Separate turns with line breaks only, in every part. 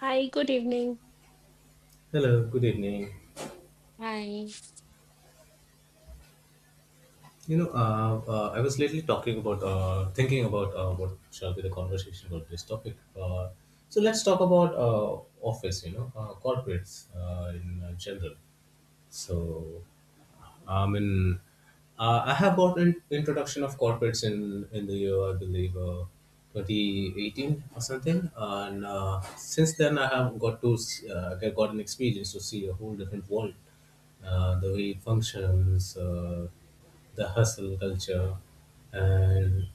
Hi, good evening.
Hello, good evening.
Hi.
I was lately talking about, thinking about what shall be the conversation about this topic. Uh, so let's talk about office, corporates in general. So, I mean, I have got an introduction of corporates in the year I believe 2018 or something, and since then I have got to s- get got an experience to see a whole different world, the way it functions, the hustle culture, and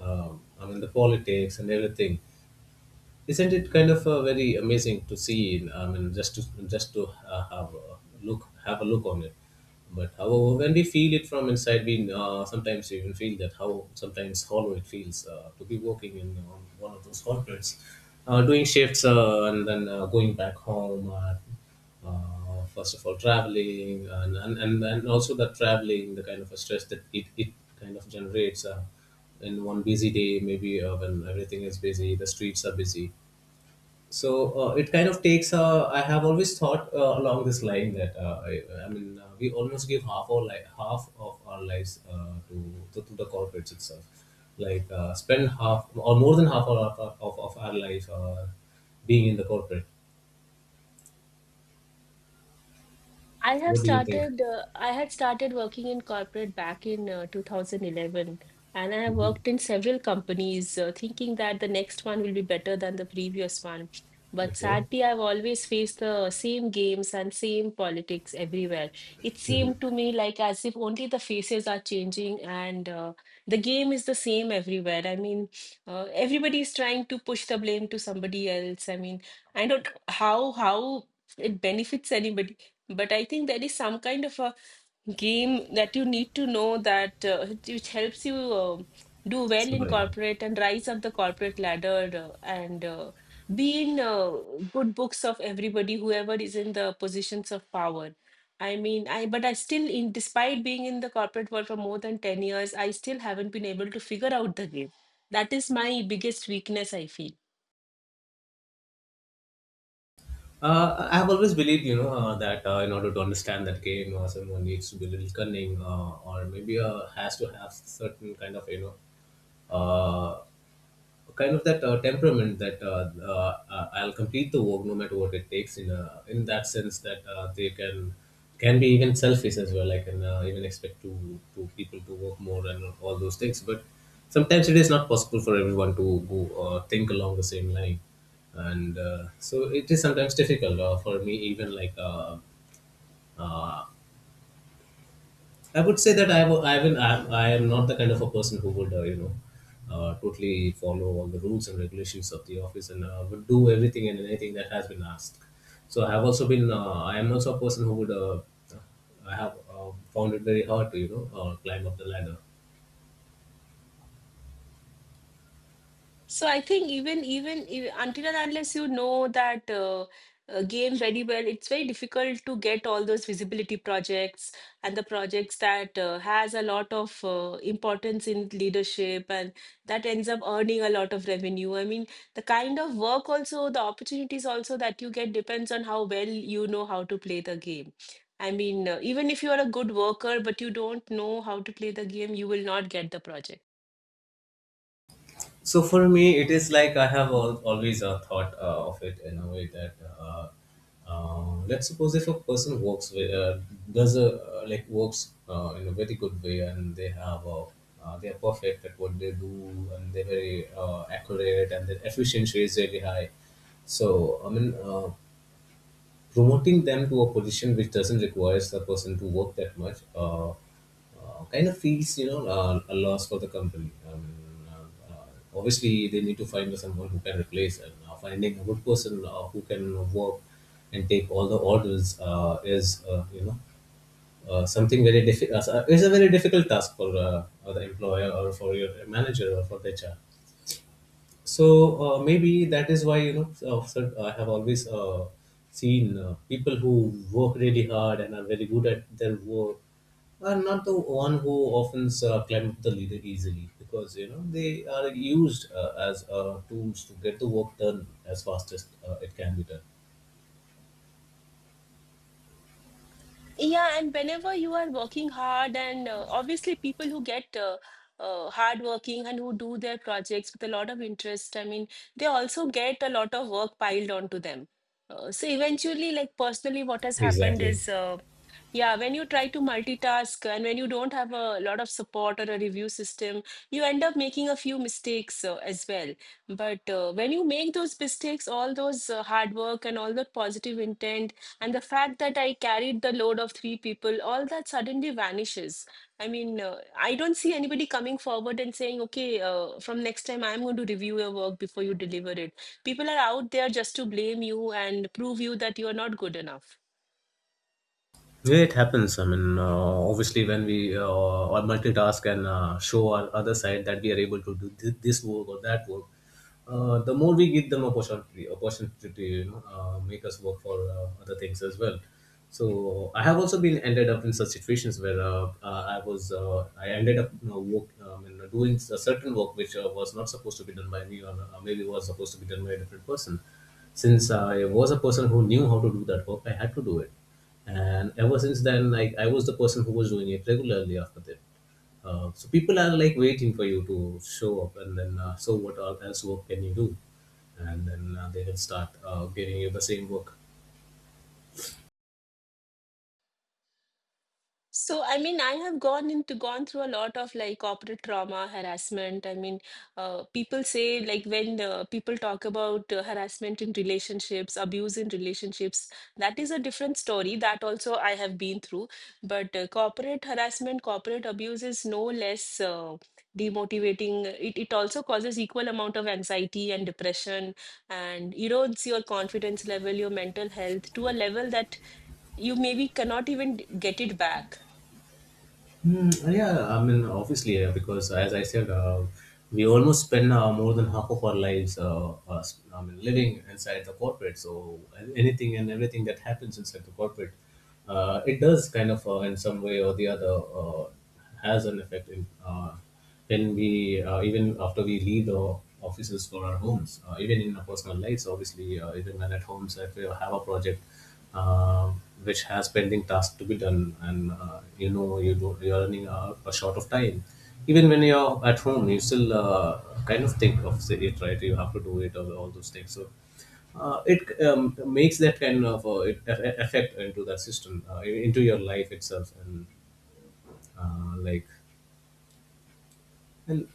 I mean the politics and everything. Isn't it kind of very amazing to see? In, I mean just to Have a look on it. But however, when we feel it from inside, we sometimes even feel that how sometimes hollow it feels to be working in one of those corporates, doing shifts, and then going back home. First of all, traveling, and also the traveling, the kind of a stress that it kind of generates, in one busy day, maybe when everything is busy, the streets are busy. So it kind of takes, I have always thought along this line that we almost give half of our lives to, to the corporates itself, like spend half or more than half of our life being in the corporate. What do you think?
I had started working in corporate back in 2011, and I have
Mhm.
worked in several companies, thinking that the next one will be better than the previous one. But
Okay.
sadly, I've always faced the same games and same politics everywhere. It
Mhm.
seemed to me like as if only the faces are changing and the game is the same everywhere. I mean, everybody is trying to push the blame to somebody else. I mean, I don't know how it benefits anybody, but I think there is some kind of a game that you need to know that which helps you do well in
Super.
corporate and rise up the corporate ladder and be in good books of everybody, whoever is in the positions of power. I mean, I but I still, in despite being in the corporate world for more than 10 years, I still haven't been able to figure out the game. That is my biggest weakness, I feel.
I have always believed, that in order to understand that game, someone needs to be a little cunning, or maybe has to have certain kind of, uh, kind of that temperament that I'll complete the work no matter what it takes. In that sense, that they can be even selfish as well. I can even expect to people to work more and all those things. But sometimes it is not possible for everyone to go think along the same line, and so it is sometimes difficult for me even like. Uh, I would say that I, w- I will. I am not the kind of a person who would, totally follow all the rules and regulations of the office and would do everything and anything that has been asked. So I have also been. I am also a person who would. I have found it very hard to, climb up the ladder.
So I think even if, until and unless you know that game very well, it's very difficult to get all those visibility projects and the projects that has a lot of importance in leadership and that ends up earning a lot of revenue. I mean, the kind of work also, the opportunities also that you get depends on how well you know how to play the game. I mean, even if you are a good worker, but you don't know how to play the game, you will not get the project.
So for me, it is like I have always thought of it in a way that uh, let's suppose if a person works with, does a like works in a very good way, and they they are perfect at what they do, and they're very accurate, and their efficiency is very high. So I mean. Uh, Promoting them to a position which doesn't require the person to work that much kind of feels, a loss for the company. Obviously they need to find someone who can replace, and finding a good person who can work and take all the orders is, something very difficult, is a very difficult task for the employer or for your manager or for the HR. So maybe that is why, sir, I have always seen people who work really hard and are very good at their work are not the one who often climb up the leader easily, because you know they are used as tools to get the work done as fast as it can be done.
Yeah, and whenever you are working hard, and obviously people who get hardworking and who do their projects with a lot of interest, I mean, they also get a lot of work piled onto them. So eventually, like personally, what has happened
Exactly.
is, yeah, when you try to multitask and when you don't have a lot of support or a review system, you end up making a few mistakes as well. But when you make those mistakes, all those hard work and all that positive intent and the fact that I carried the load of three people, all that suddenly vanishes. I mean, I don't see anybody coming forward and saying, okay, from next time I'm going to review your work before you deliver it. People are out there just to blame you and prove you that you're not good enough.
Yeah, it happens. I mean, obviously, when we are multitask and show our other side that we are able to do this work or that work, the more we give them opportunity, opportunity to, make us work for other things as well. So I have also been ended up in such situations where I was, I ended up, work in doing a certain work which was not supposed to be done by me, or maybe was supposed to be done by a different person. Since I was a person who knew how to do that work, I had to do it. And ever since then, like, I was the person who was doing it regularly after that. So people are like waiting for you to show up, and then so what else work can you do? And then they will start giving you the same work.
So, I mean, I have gone through a lot of like corporate trauma, harassment. I mean, people say like when people talk about harassment in relationships, abuse in relationships, that is a different story. That also I have been through. But corporate harassment, corporate abuse is no less demotivating. It also causes equal amount of anxiety and depression, and erodes your confidence level, your mental health to a level that you maybe cannot get it back.
Mm, yeah, I mean, obviously, yeah, because as I said, we almost spend more than half of our lives, I mean, living inside the corporate. So anything and everything that happens inside the corporate, it does kind of, in some way or the other, has an effect in, when we, even after we leave the offices for our homes, even in our personal lives. Obviously, even when at homes, if we have a project uh, which has pending tasks to be done, and you know you do you're running out a short of time. Even when you're at home, you still kind of think of it, right? You have to do it, all those things. So it makes that kind of effect into the system, into your life itself, and uh, like and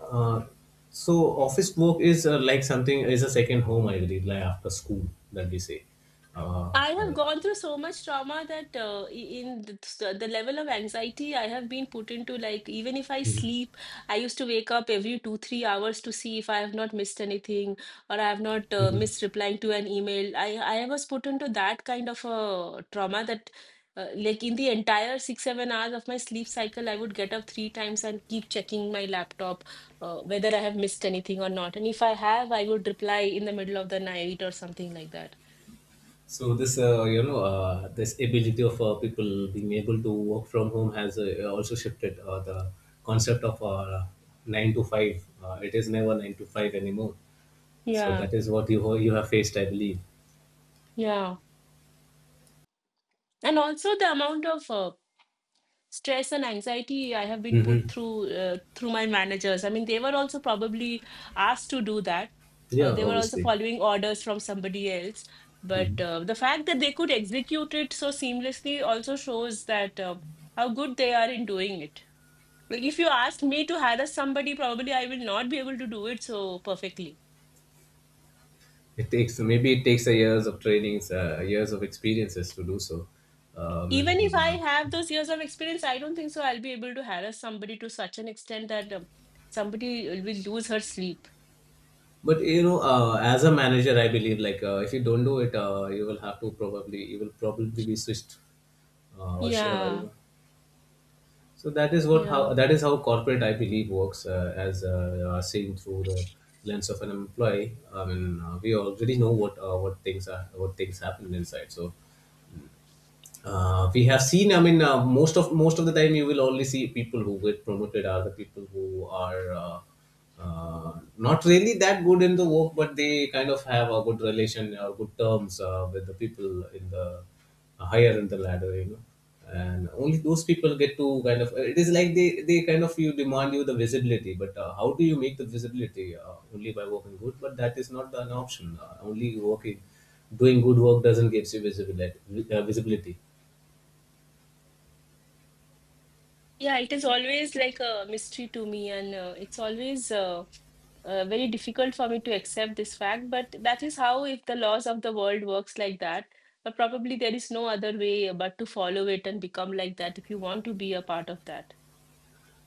uh, so office work is like something, is a second home, I believe, like after school, that we say. uh,
I have gone through so much trauma that in the level of anxiety I have been put into, like, even if I sleep, I used to wake up every 2-3 hours to see if I have not missed anything or I have not
uh,
missed replying to an email. I was put into that kind of a trauma that, like, in the entire 6-7 hours of my sleep cycle, I would get up three times and keep checking my laptop, whether I have missed anything or not. And if I have, I would reply in the middle of the night or something like that.
So this, this ability of people being able to work from home has also shifted the concept of nine to five. It is never nine to five anymore. So
Yeah.
that is what you have faced, I believe.
Yeah, and also the amount of stress and anxiety I have been put
Mm-hmm.
through through my managers. I mean, they were also probably asked to do that.
Yeah,
They were also
obviously,
following orders from somebody else. But the fact that they could execute it so seamlessly also shows that how good they are in doing it. Like if you asked me to harass somebody, probably I will not be able to do it so perfectly.
it takes, maybe it takes a years of trainings, years of experiences to do so. Um,
Even if
and,
I
uh,
have those years of experience, I don't think so. I'll be able to harass somebody to such an extent that somebody will lose her sleep.
but you know, as a manager, I believe, like if you don't do it, you will have to probably, you will probably be switched, uh, or sh- uh, you
Yeah,
know So that is what,
yeah.
how that is how corporate, I believe, works, as you are seen through the lens of an employee. I mean, we already know what, what things are, what things happen inside. So we have seen, most of the time, you will only see people who get promoted are the people who are, not really that good in the work, but they kind of have a good relation or good terms with the people in the higher in the ladder, you know. And only those people get to kind of, it is like, they kind of, you demand, you the visibility, but how do you make the visibility? Only by working good, but that is not an option. Only working, doing good work doesn't gives you visibility. Visibility.
Yeah, it is always like a mystery to me, and it's always very difficult for me to accept this fact. But that is how, if the laws of the world works like that, but probably there is no other way but to follow it and become like that if you want to be a part of that.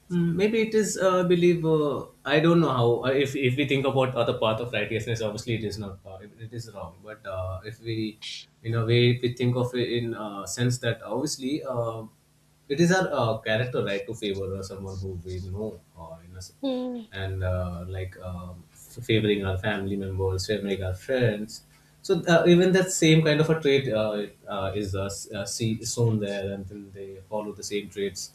Mm, maybe it is, I don't know how, if we think about other path of righteousness, obviously it is not, it it is wrong. But if we, in a way, if we think of it in sense that obviously it is our character, right, to favor someone who we know, in a, s-
Hmm.
and like favoring our family members, favoring our friends. So even that same kind of a trait sown there, and then they follow the same traits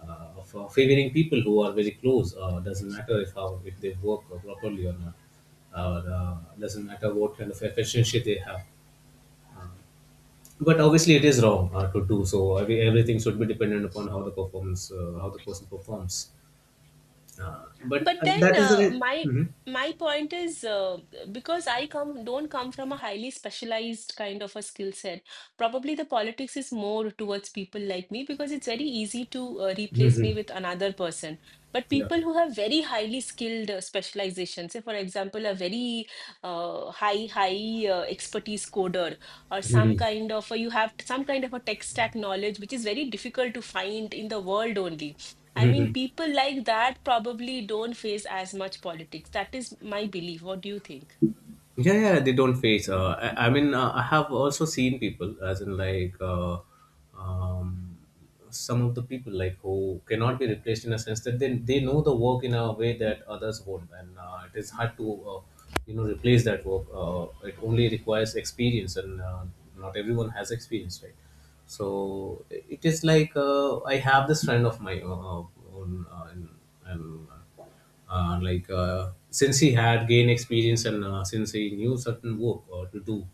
of favoring people who are very close. Doesn't matter if how if they work properly or not. Doesn't matter what kind of efficiency they have. But obviously, it is wrong to do so. Everything should be dependent upon how the performance, how the person performs. But
But then
That is
uh,
the.
my
Mm-hmm.
my point is, because I come don't come from a highly specialized kind of a skill set. Probably the politics is more towards people like me because it's very easy to replace
Mm-hmm.
me with another person. But
Yeah.
people who have very highly skilled specialization, say for example, a very high expertise coder or some
Mm-hmm.
kind of a, you have some kind of a tech stack knowledge which is very difficult to find in the world only. I mean,
Mm-hmm.
people like that probably don't face as much politics. That is my belief. What do you think?
Yeah, yeah, they don't face. I mean, I have also seen people, as in like um, some of the people like, who cannot be replaced, in a sense that they know the work in a way that others won't, and it is hard to you know replace that work. It only requires experience, and not everyone has experience, right? So it is like I have this friend of my own, and since he had gained experience and since he knew certain work to do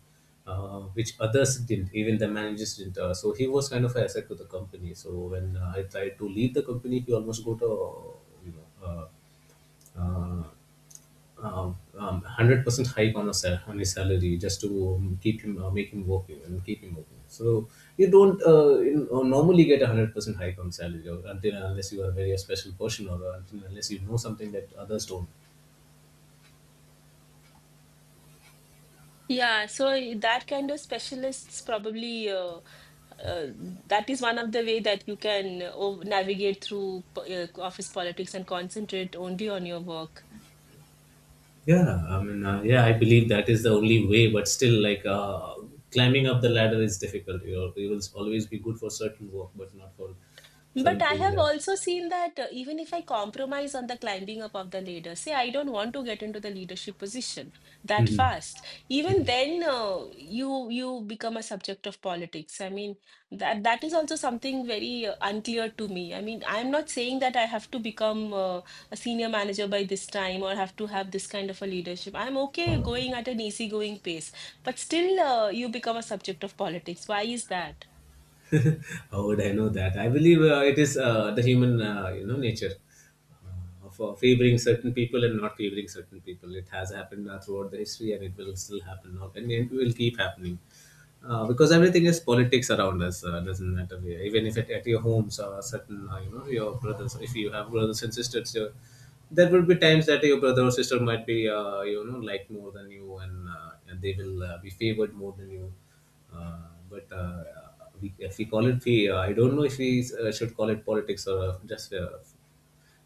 which others didn't, even the managers didn't, so he was kind of an asset to the company. So when I tried to leave the company, he almost got a you know uh, uh, 100% hike on, on his salary just to keep him, make him working and keep him working. So you don't normally get a 100% hike on salary, or until and unless you are a very special person, or until and unless you know something that others don't.
Yeah, so that kind of specialists probably, uh, that is one of the way that you can navigate through office politics and concentrate only on your work.
Yeah, yeah, I believe that is the only way, but still, climbing up the ladder is difficult, you know. It will always be good for certain work, but not for
But I
something
have
that...
also seen that even if I compromise on the climbing up of the ladder, say I don't want to get into the leadership position that
Mhm.
fast, even then, you become a subject of politics. I mean, that is also something very unclear to me. I mean, I'm not saying that I have to become a senior manager by this time or have to have this kind of a leadership. I'm okay going at an easygoing pace, but still you become a subject of politics. Why is that?
How would I know that? I believe it is the human, you know, nature of favoring certain people and not favoring certain people. It has happened throughout the history, and it will still happen now, and it will keep happening. Because everything is politics around us, doesn't matter where. Even if it, at your homes, or certain, you know, your brothers, if you have brothers and sisters, your, there will be times that your brother or sister might be, you know, liked more than you, and they will be favored more than you. But We, if we call it, we, I don't know if we should call it politics or just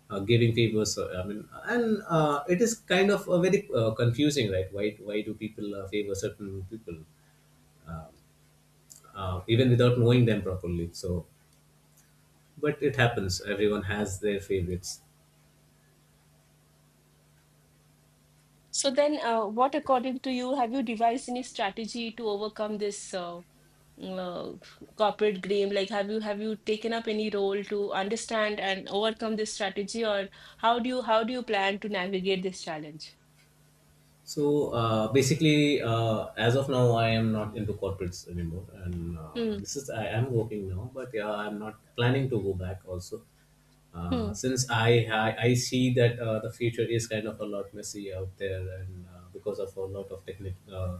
giving favors. I mean, and it is kind of very confusing, right? Why do people favor certain people, uh, even without knowing them properly? So, but it happens. Everyone has their favorites.
So then, what, according to you, have you devised any strategy to overcome this uh, corporate game? Like, have you taken up any role to understand and overcome this strategy, or how do you plan to navigate this challenge?
So basically, as of now, I am not into corporates anymore, and
Hmm.
this is I am working now. But yeah, I'm not planning to go back also,
Hmm.
since I see that the future is kind of a lot messy out there, and because of a lot of technical.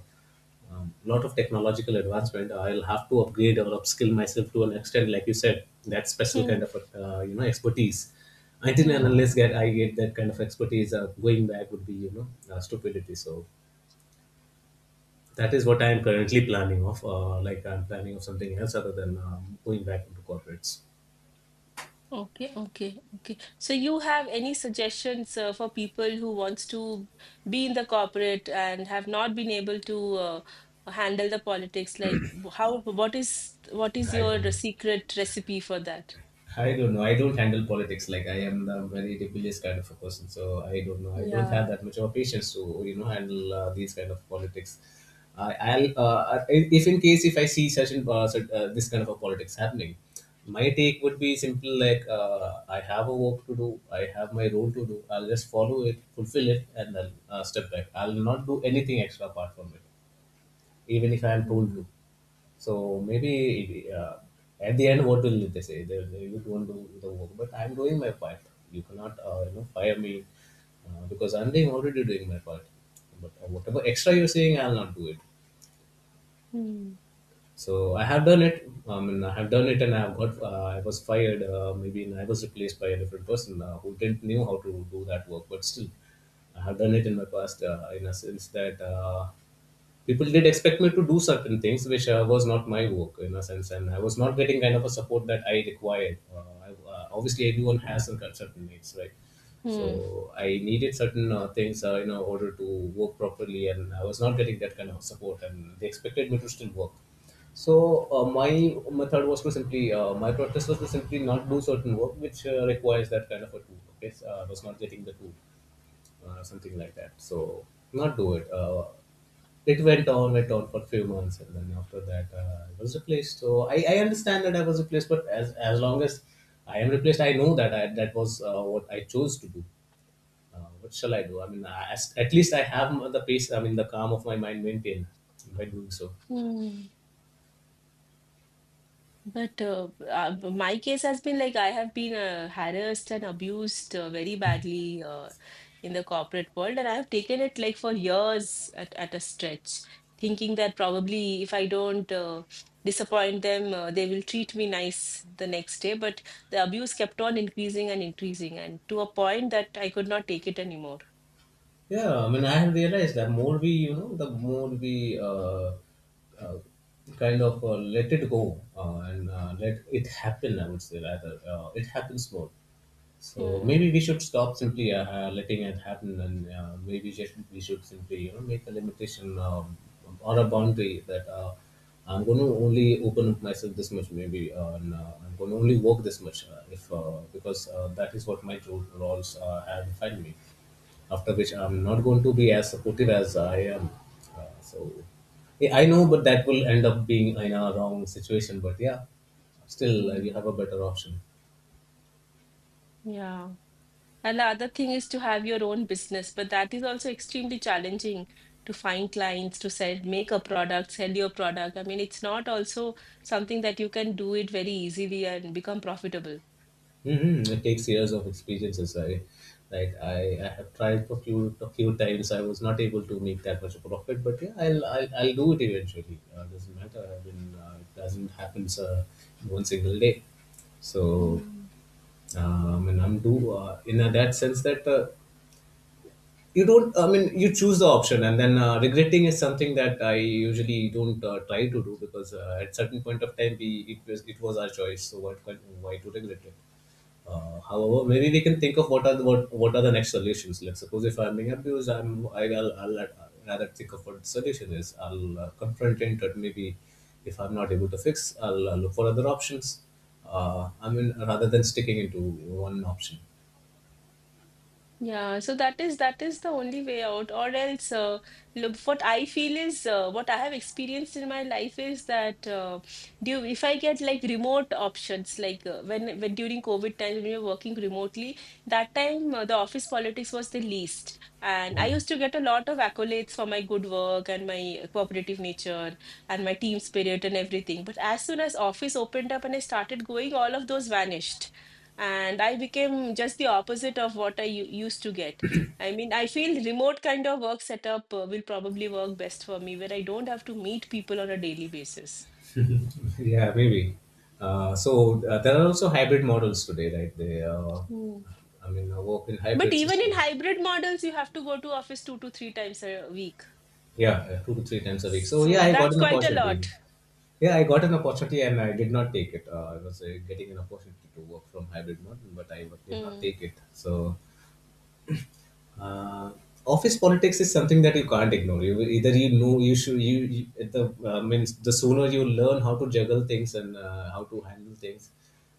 Lot of technological advancement, I'll have to upgrade or upskill myself to an extent, like you said, that special kind
Hmm.
of you know, expertise. Until and
Hmm.
unless get I get that kind of expertise, going back would be, you know, stupidity. So that is what I am currently planning of, like I'm planning of something else other than going back into corporates.
Okay, okay, okay. So you have any suggestions for people who wants to be in the corporate and have not been able to handle the politics? Like, how, what is
I don't
your
know.
secret recipe for that?
I don't know. I don't handle politics. Like, I am the very rebellious kind of a person, so I don't know. I don't have
Yeah.
that much of a patience to, you know, handle these kind of politics. I'll I- if in case if I see such and this kind of a politics happening, my take would be simple. Like, I have a work to do. I have my role to do. I'll just follow it, fulfill it, and then step back. I'll not do anything extra apart from it, even if I am told
Hmm.
to. So maybe uh, at the end, what will they say? You don't do the work, but I'm doing my part. You cannot, you know, fire me because I'm doing already doing my part. But whatever extra you're saying, I'll not do it.
Hmm.
So I have done it. I mean, I have done it, and I have got. I was fired. Maybe, and I was replaced by a different person who didn't knew how to do that work. But still, I have done it in my past. In a sense that people did expect me to do certain things which was not my work in a sense, and I was not getting kind of a support that I required. Obviously, everyone has some kind of certain needs, right?
Hmm.
So I needed certain things in order to work properly, and I was not getting that kind of support, and they expected me to still work. So my method was to simply my practice was to simply not do certain work which requires that kind of a tool. Okay, so I was not getting the tool, something like that. So not do it. Went on for a few months, and then after that I was replaced. So I understand that I was replaced, but as long as I am replaced, I know that that was what I chose to do. What shall I do? I mean, at least I have the peace. I mean, the calm of my mind maintained by doing so.
Hmm. But my case has been like I have been harassed and abused very badly in the corporate world, and I have taken it like for years at a stretch, thinking that probably if I don't disappoint them, they will treat me nice the next day. But the abuse kept on increasing and increasing, and to a point that I could not take it anymore.
Yeah, I mean, I have realized that more we, you know, the more we uh, kind of let it go and let it happen, I would say rather, it happens more. So maybe
Hmm.
we should stop simply letting it happen, and maybe just we should simply, you know, make a limitation, or a boundary that I'm going to only open up myself this much, maybe, and I'm going to only work this much, if because that is what my roles have defined me. After which, I'm not going to be as supportive as I am. So yeah, I know, but that will end up being in a wrong situation. But yeah, still, you have
Hmm.
a better option.
Yeah. And the other thing is to have your own business, but that is also extremely challenging to find clients to sell, make a product, sell your product. I mean, it's not also something that you can do it very easily and become profitable.
Mhm, it takes years of experiences. Like I, I have tried for few a few times. I was not able to make that much of a profit, but yeah, I'll do it eventually. Doesn't matter. I mean, it doesn't happen in one single day. So, and I'm do in that sense that you don't. I mean, you choose the option, and then regretting is something that I usually don't try to do because at certain point of time, we it was our choice. So what, why to regret it? However, maybe we can think of what are the, what are the next solutions. Like, suppose if I'm being abused, I'm I, I'll rather think of what the solution is. I'll confront it, or maybe if I'm not able to fix, I'll look for other options. I mean, rather than sticking into one option.
Yeah, so that is the only way out, or else, look, what I feel is, what I have experienced in my life is that, do if I get like remote options, like when during COVID time when you're working remotely, that time the office politics was the least, and I used to get a lot of accolades for my good work and my cooperative nature and my team spirit and everything. But as soon as office opened up and I started going, all of those vanished and I became just the opposite of what I used to get. I mean, I feel remote kind of work setup will probably work best for me, where I don't have to meet people on a daily basis.
Yeah, maybe. So there are also hybrid models today, right?
Hmm.
I mean, work in
But
hybrid
even in
system.
hybrid models, you have to go to office two to three times a week.
Yeah, two to three times a week. So
So
yeah, I got
that's
an
quite a
opportunity.
lot.
Yeah, I got an opportunity and I did not take it. I was getting an opportunity to work from hybrid model, but I did not
Hmm.
take it. So uh, office politics is something that you can't ignore. You either, you know, you should you at the means, the sooner you learn how to juggle things and how to handle things,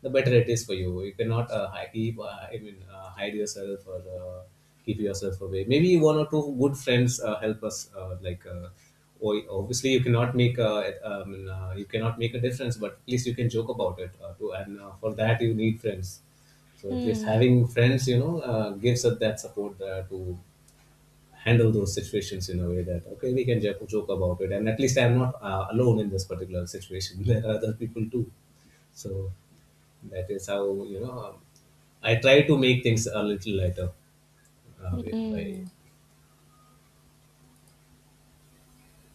the better it is for you. You cannot keep hide yourself or keep yourself away. Maybe one or two good friends help us, obviously you cannot make a, you cannot make a difference, but at least you can joke about it too, and for that you need friends. So at least
Hmm.
having friends, you know, gives us that support to handle those situations in a way that, okay, we can joke about it, and at least I'm not alone in this particular situation. There are other people too. So that is how, you know, I try to make things a little lighter uh, by...
Hmm.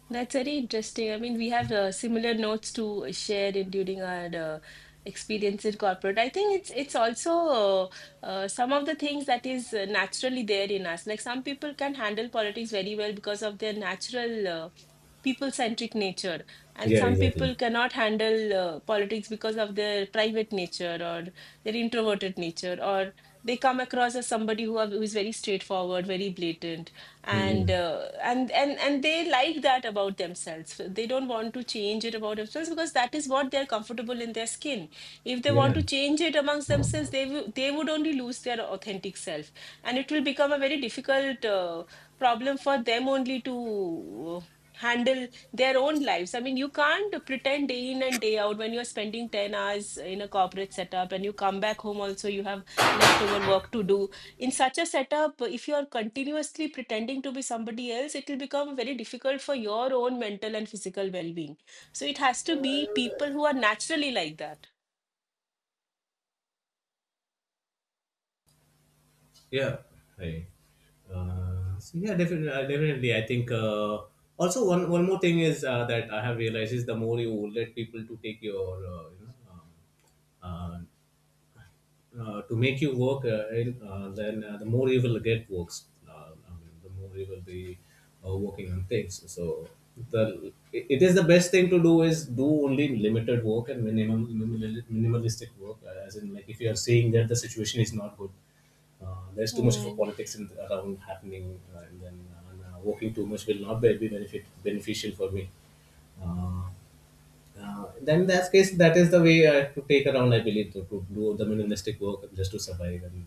That's very interesting. I mean, we have similar notes to share in during our experience in corporate. I think it's also some of the things that is naturally there in us. Like some people can handle politics very well because of their natural. People centric nature, and
yeah,
some
exactly.
people cannot handle politics because of their private nature or their introverted nature, or they come across as somebody who is very straightforward, very blatant,
hmm.
and they like that about themselves. They don't want to change it about themselves because that is what they're comfortable in their skin. If they want
Yeah.
to change it amongst themselves, they would only lose their authentic self, and it will become a very difficult problem for them only to handle their own lives. I mean, you can't pretend day in and day out when you're spending 10 hours in a corporate setup and you come back home also, you have leftover work to do. In such a setup, if you're continuously pretending to be somebody else, it will become very difficult for your own mental and physical well being. So it has to be people who are naturally like that.
Yeah. Hey. So yeah, definitely, definitely. I think also one more thing is that I have realized is, the more you let people to take your you know, uh, to make you work, the more you will get works. I mean, the more you will be working on things. So the it it is the best thing to do is do only limited work and minimalistic work. As in, like if you are seeing that the situation is not good, there's too much of a
Hmm.
politics around happening, working too much will not be benefit beneficial for me. Uh, then in that case, that is the way I have to take around, I believe, to do the minimalistic work just to survive. And,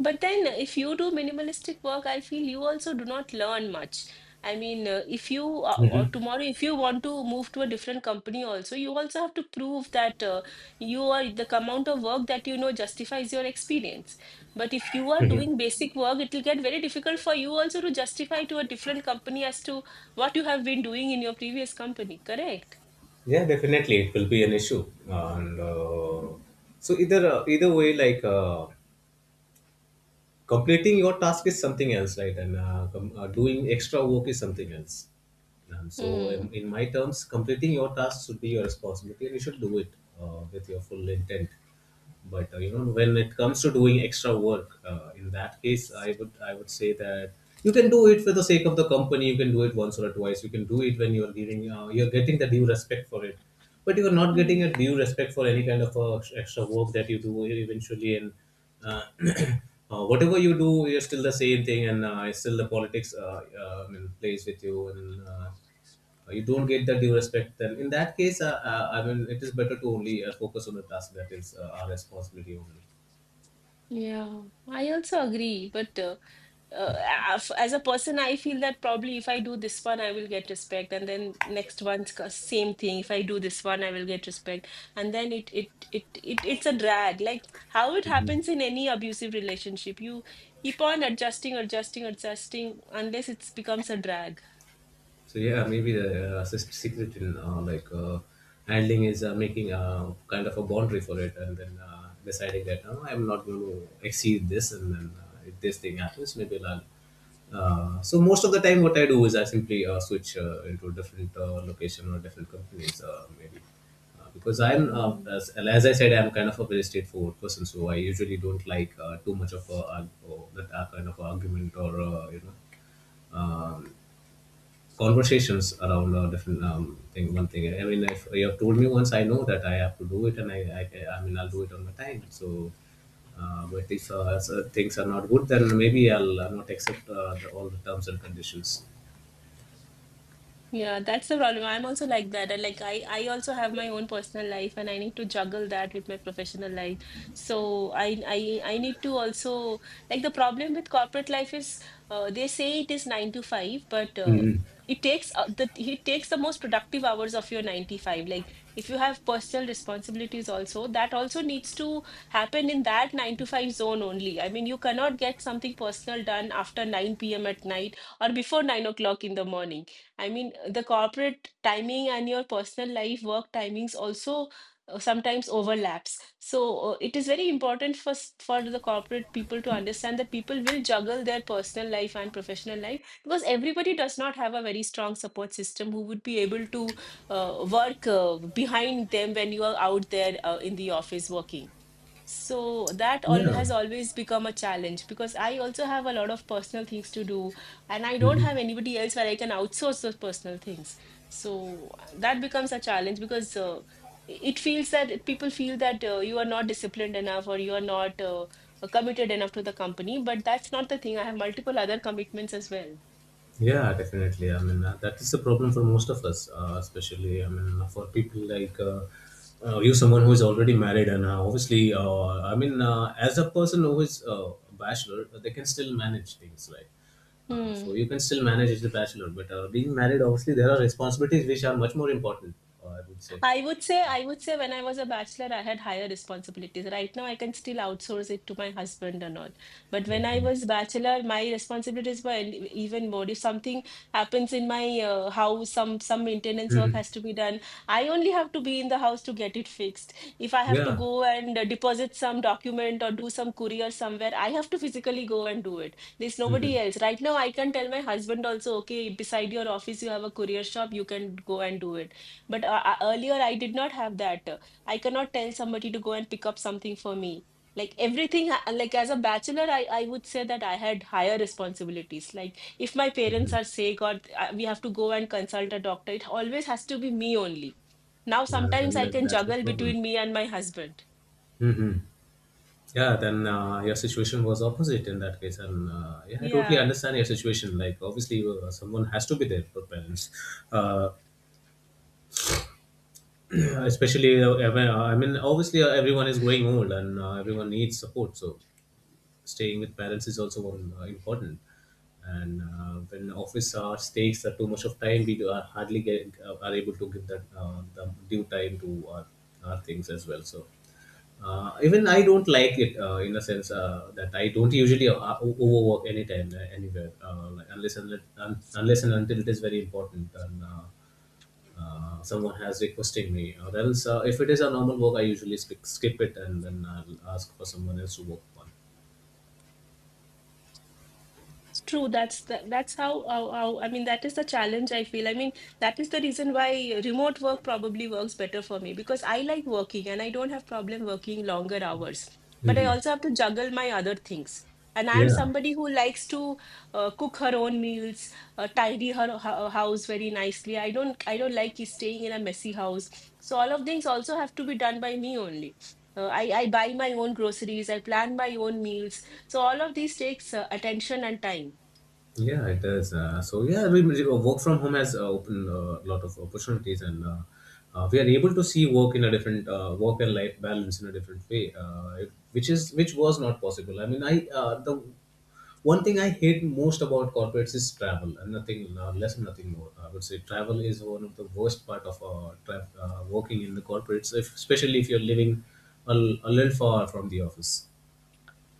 But then, if you do minimalistic work, I feel you also do not learn much. I mean, if you or
mhm.
tomorrow, if you want to move to a different company, also, you also have to prove that you are the amount of work that you know justifies your experience. But if you are doing basic work, it will get very difficult for you also to justify to a different company as to what you have been doing in your previous company, correct?
Yeah, definitely, it will be an issue. And so either Either way, like, completing your task is something else, right? Doing extra work is something else.
Hmm.
In my terms, completing your task should be your responsibility, and you should do it with your full intent. But you know, when it comes to doing extra work, in that case, I would say that you can do it for the sake of the company. You can do it once or twice. You can do it when you're getting the due respect for it. But you are not
Hmm.
getting a due respect for any kind of extra work that you do eventually. And uh, whatever you do, you're still the same thing, and it's still the politics, I mean, plays with you. And you don't get the due respect. Then in that case, it is better to only focus on the task that is our responsibility only.
Yeah, I also agree. But uh, as a person, I feel that probably if I do this one, I will get respect, and then next same thing. If I do this one, I will get respect, and then it's a drag. Like how it happens in any abusive relationship, you keep on adjusting, adjusting, adjusting, unless it becomes a drag.
So yeah, maybe the secret in, like, handling is making a kind of a boundary for it, and then deciding that no, I'm not going to exceed this, and then if this thing happens, maybe I'll. So most of the time, what I do is I simply switch into a different location or different companies, maybe. Because as I said, I'm kind of a very straightforward person, so I usually don't like too much of a, that kind of argument or, you know, um, conversations around different thing. One thing, I mean, if you have told me once, I know that I have to do it, and I mean, I'll do it on my time. So, but if things are not good, then maybe I'll not accept all the terms and conditions.
Yeah, that's the problem. I'm also like that. I like I also have my own personal life, and I need to juggle that with my professional life. So I need to also, like, the problem with corporate life is, they say it is 9 to 5, but
Mhm.
it takes the it takes the most productive hours of your 95. Like if you have personal responsibilities also, that also needs to happen in that 9 to 5 zone only. I mean, you cannot get something personal done after 9 p.m. at night or before 9 o'clock in the morning. I mean, the corporate timing and your personal life work timings also sometimes overlaps. So it is very important for for the corporate people to understand that people will juggle their personal life and professional life because everybody does not have a very strong support system who would be able to uh, work behind them when you are out there in the office working. So that all has
Yeah.
always become a challenge because I also have a lot of personal things to do, and I don't have anybody else where I can outsource those personal things. So that becomes a challenge because it feels that people feel that you are not disciplined enough or you are not committed enough to the company. But that's not the thing. I have multiple other commitments as well.
Yeah, definitely. I mean, that is the problem for most of us, especially, I mean, for people like you, someone who is already married, and obviously, as a person who is a bachelor, they can still manage things, right? Uh,
Hmm.
so you can still manage as a bachelor, but being married, obviously, there are responsibilities which are much more important, I would say.
I would say when I was a bachelor, I had higher responsibilities. Right now, I can still outsource it to my husband and all. But when
But,
I
you know,
was bachelor, my responsibilities were even more. If something happens in my house, some maintenance work
mhm.
has to be done. I only have to be in the house to get it fixed. If I have to
Yeah.
go and deposit some document or do some courier somewhere, I have to physically go and do it. There's
Hmm.
nobody else. Right now, I can tell my husband also, okay, beside your office, you have a courier shop, you can go and do it, but earlier, I did not have that. I cannot tell somebody to go and pick up something for me. Like, everything, like as a bachelor, I would say that I had higher responsibilities. Like if my parents are sick or we have to go and consult a doctor, it always has to be me only. Now,
Yeah,
sometimes
then
I can
that's the
juggle
problem.
between me and my husband.
Mhm. Yeah, then your situation was opposite in that case, and yeah, I totally
Yeah.
understand your situation. Like, obviously, someone has to be there for parents, uh, especially. Obviously, everyone is growing old, and everyone needs support. So, staying with parents is also one, important. And when office hours takes too much of time, we are hardly are able to give that the due time to our things as well. So, even I don't like it in a sense that I don't usually overwork anytime anywhere, like unless unless and until it is very important, and someone has requesting me, or else if it is a normal work, I usually skip it, and then I'll ask for someone else to work on.
It's true. That's that's how I mean, that is the challenge I feel. I mean, that is the reason why remote work probably works better for me because I like working and I don't have problem working longer hours. But I
Mhm.
also have to juggle my other things. And I am
Yeah.
somebody who likes to cook her own meals, tidy her house very nicely. I don't like staying in a messy house. So all of things also have to be done by me only. I buy my own groceries, I plan my own meals. So all of these takes attention and time.
Yeah, it is. So yeah, work from home has opened a lot of opportunities, and we are able to see work in a different work and life balance in a different way, which is which was not possible. I mean, I the one thing I hate most about corporates is travel, and nothing less, nothing more. I would say travel is one of the worst part of working in the corporates, if, especially if you're living a, a little far from the office.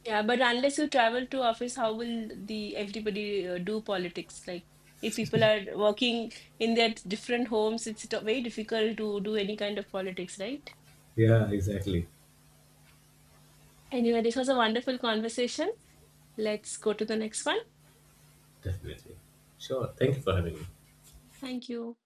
Yeah, but unless you travel to office, how will the everybody do politics? Like, if people are working in their different homes, it's very difficult to do any kind of politics, right?
Yeah, exactly.
Anyway, this was a wonderful conversation. Let's go to the next one.
Definitely. Sure. Thank you for having me.
Thank you.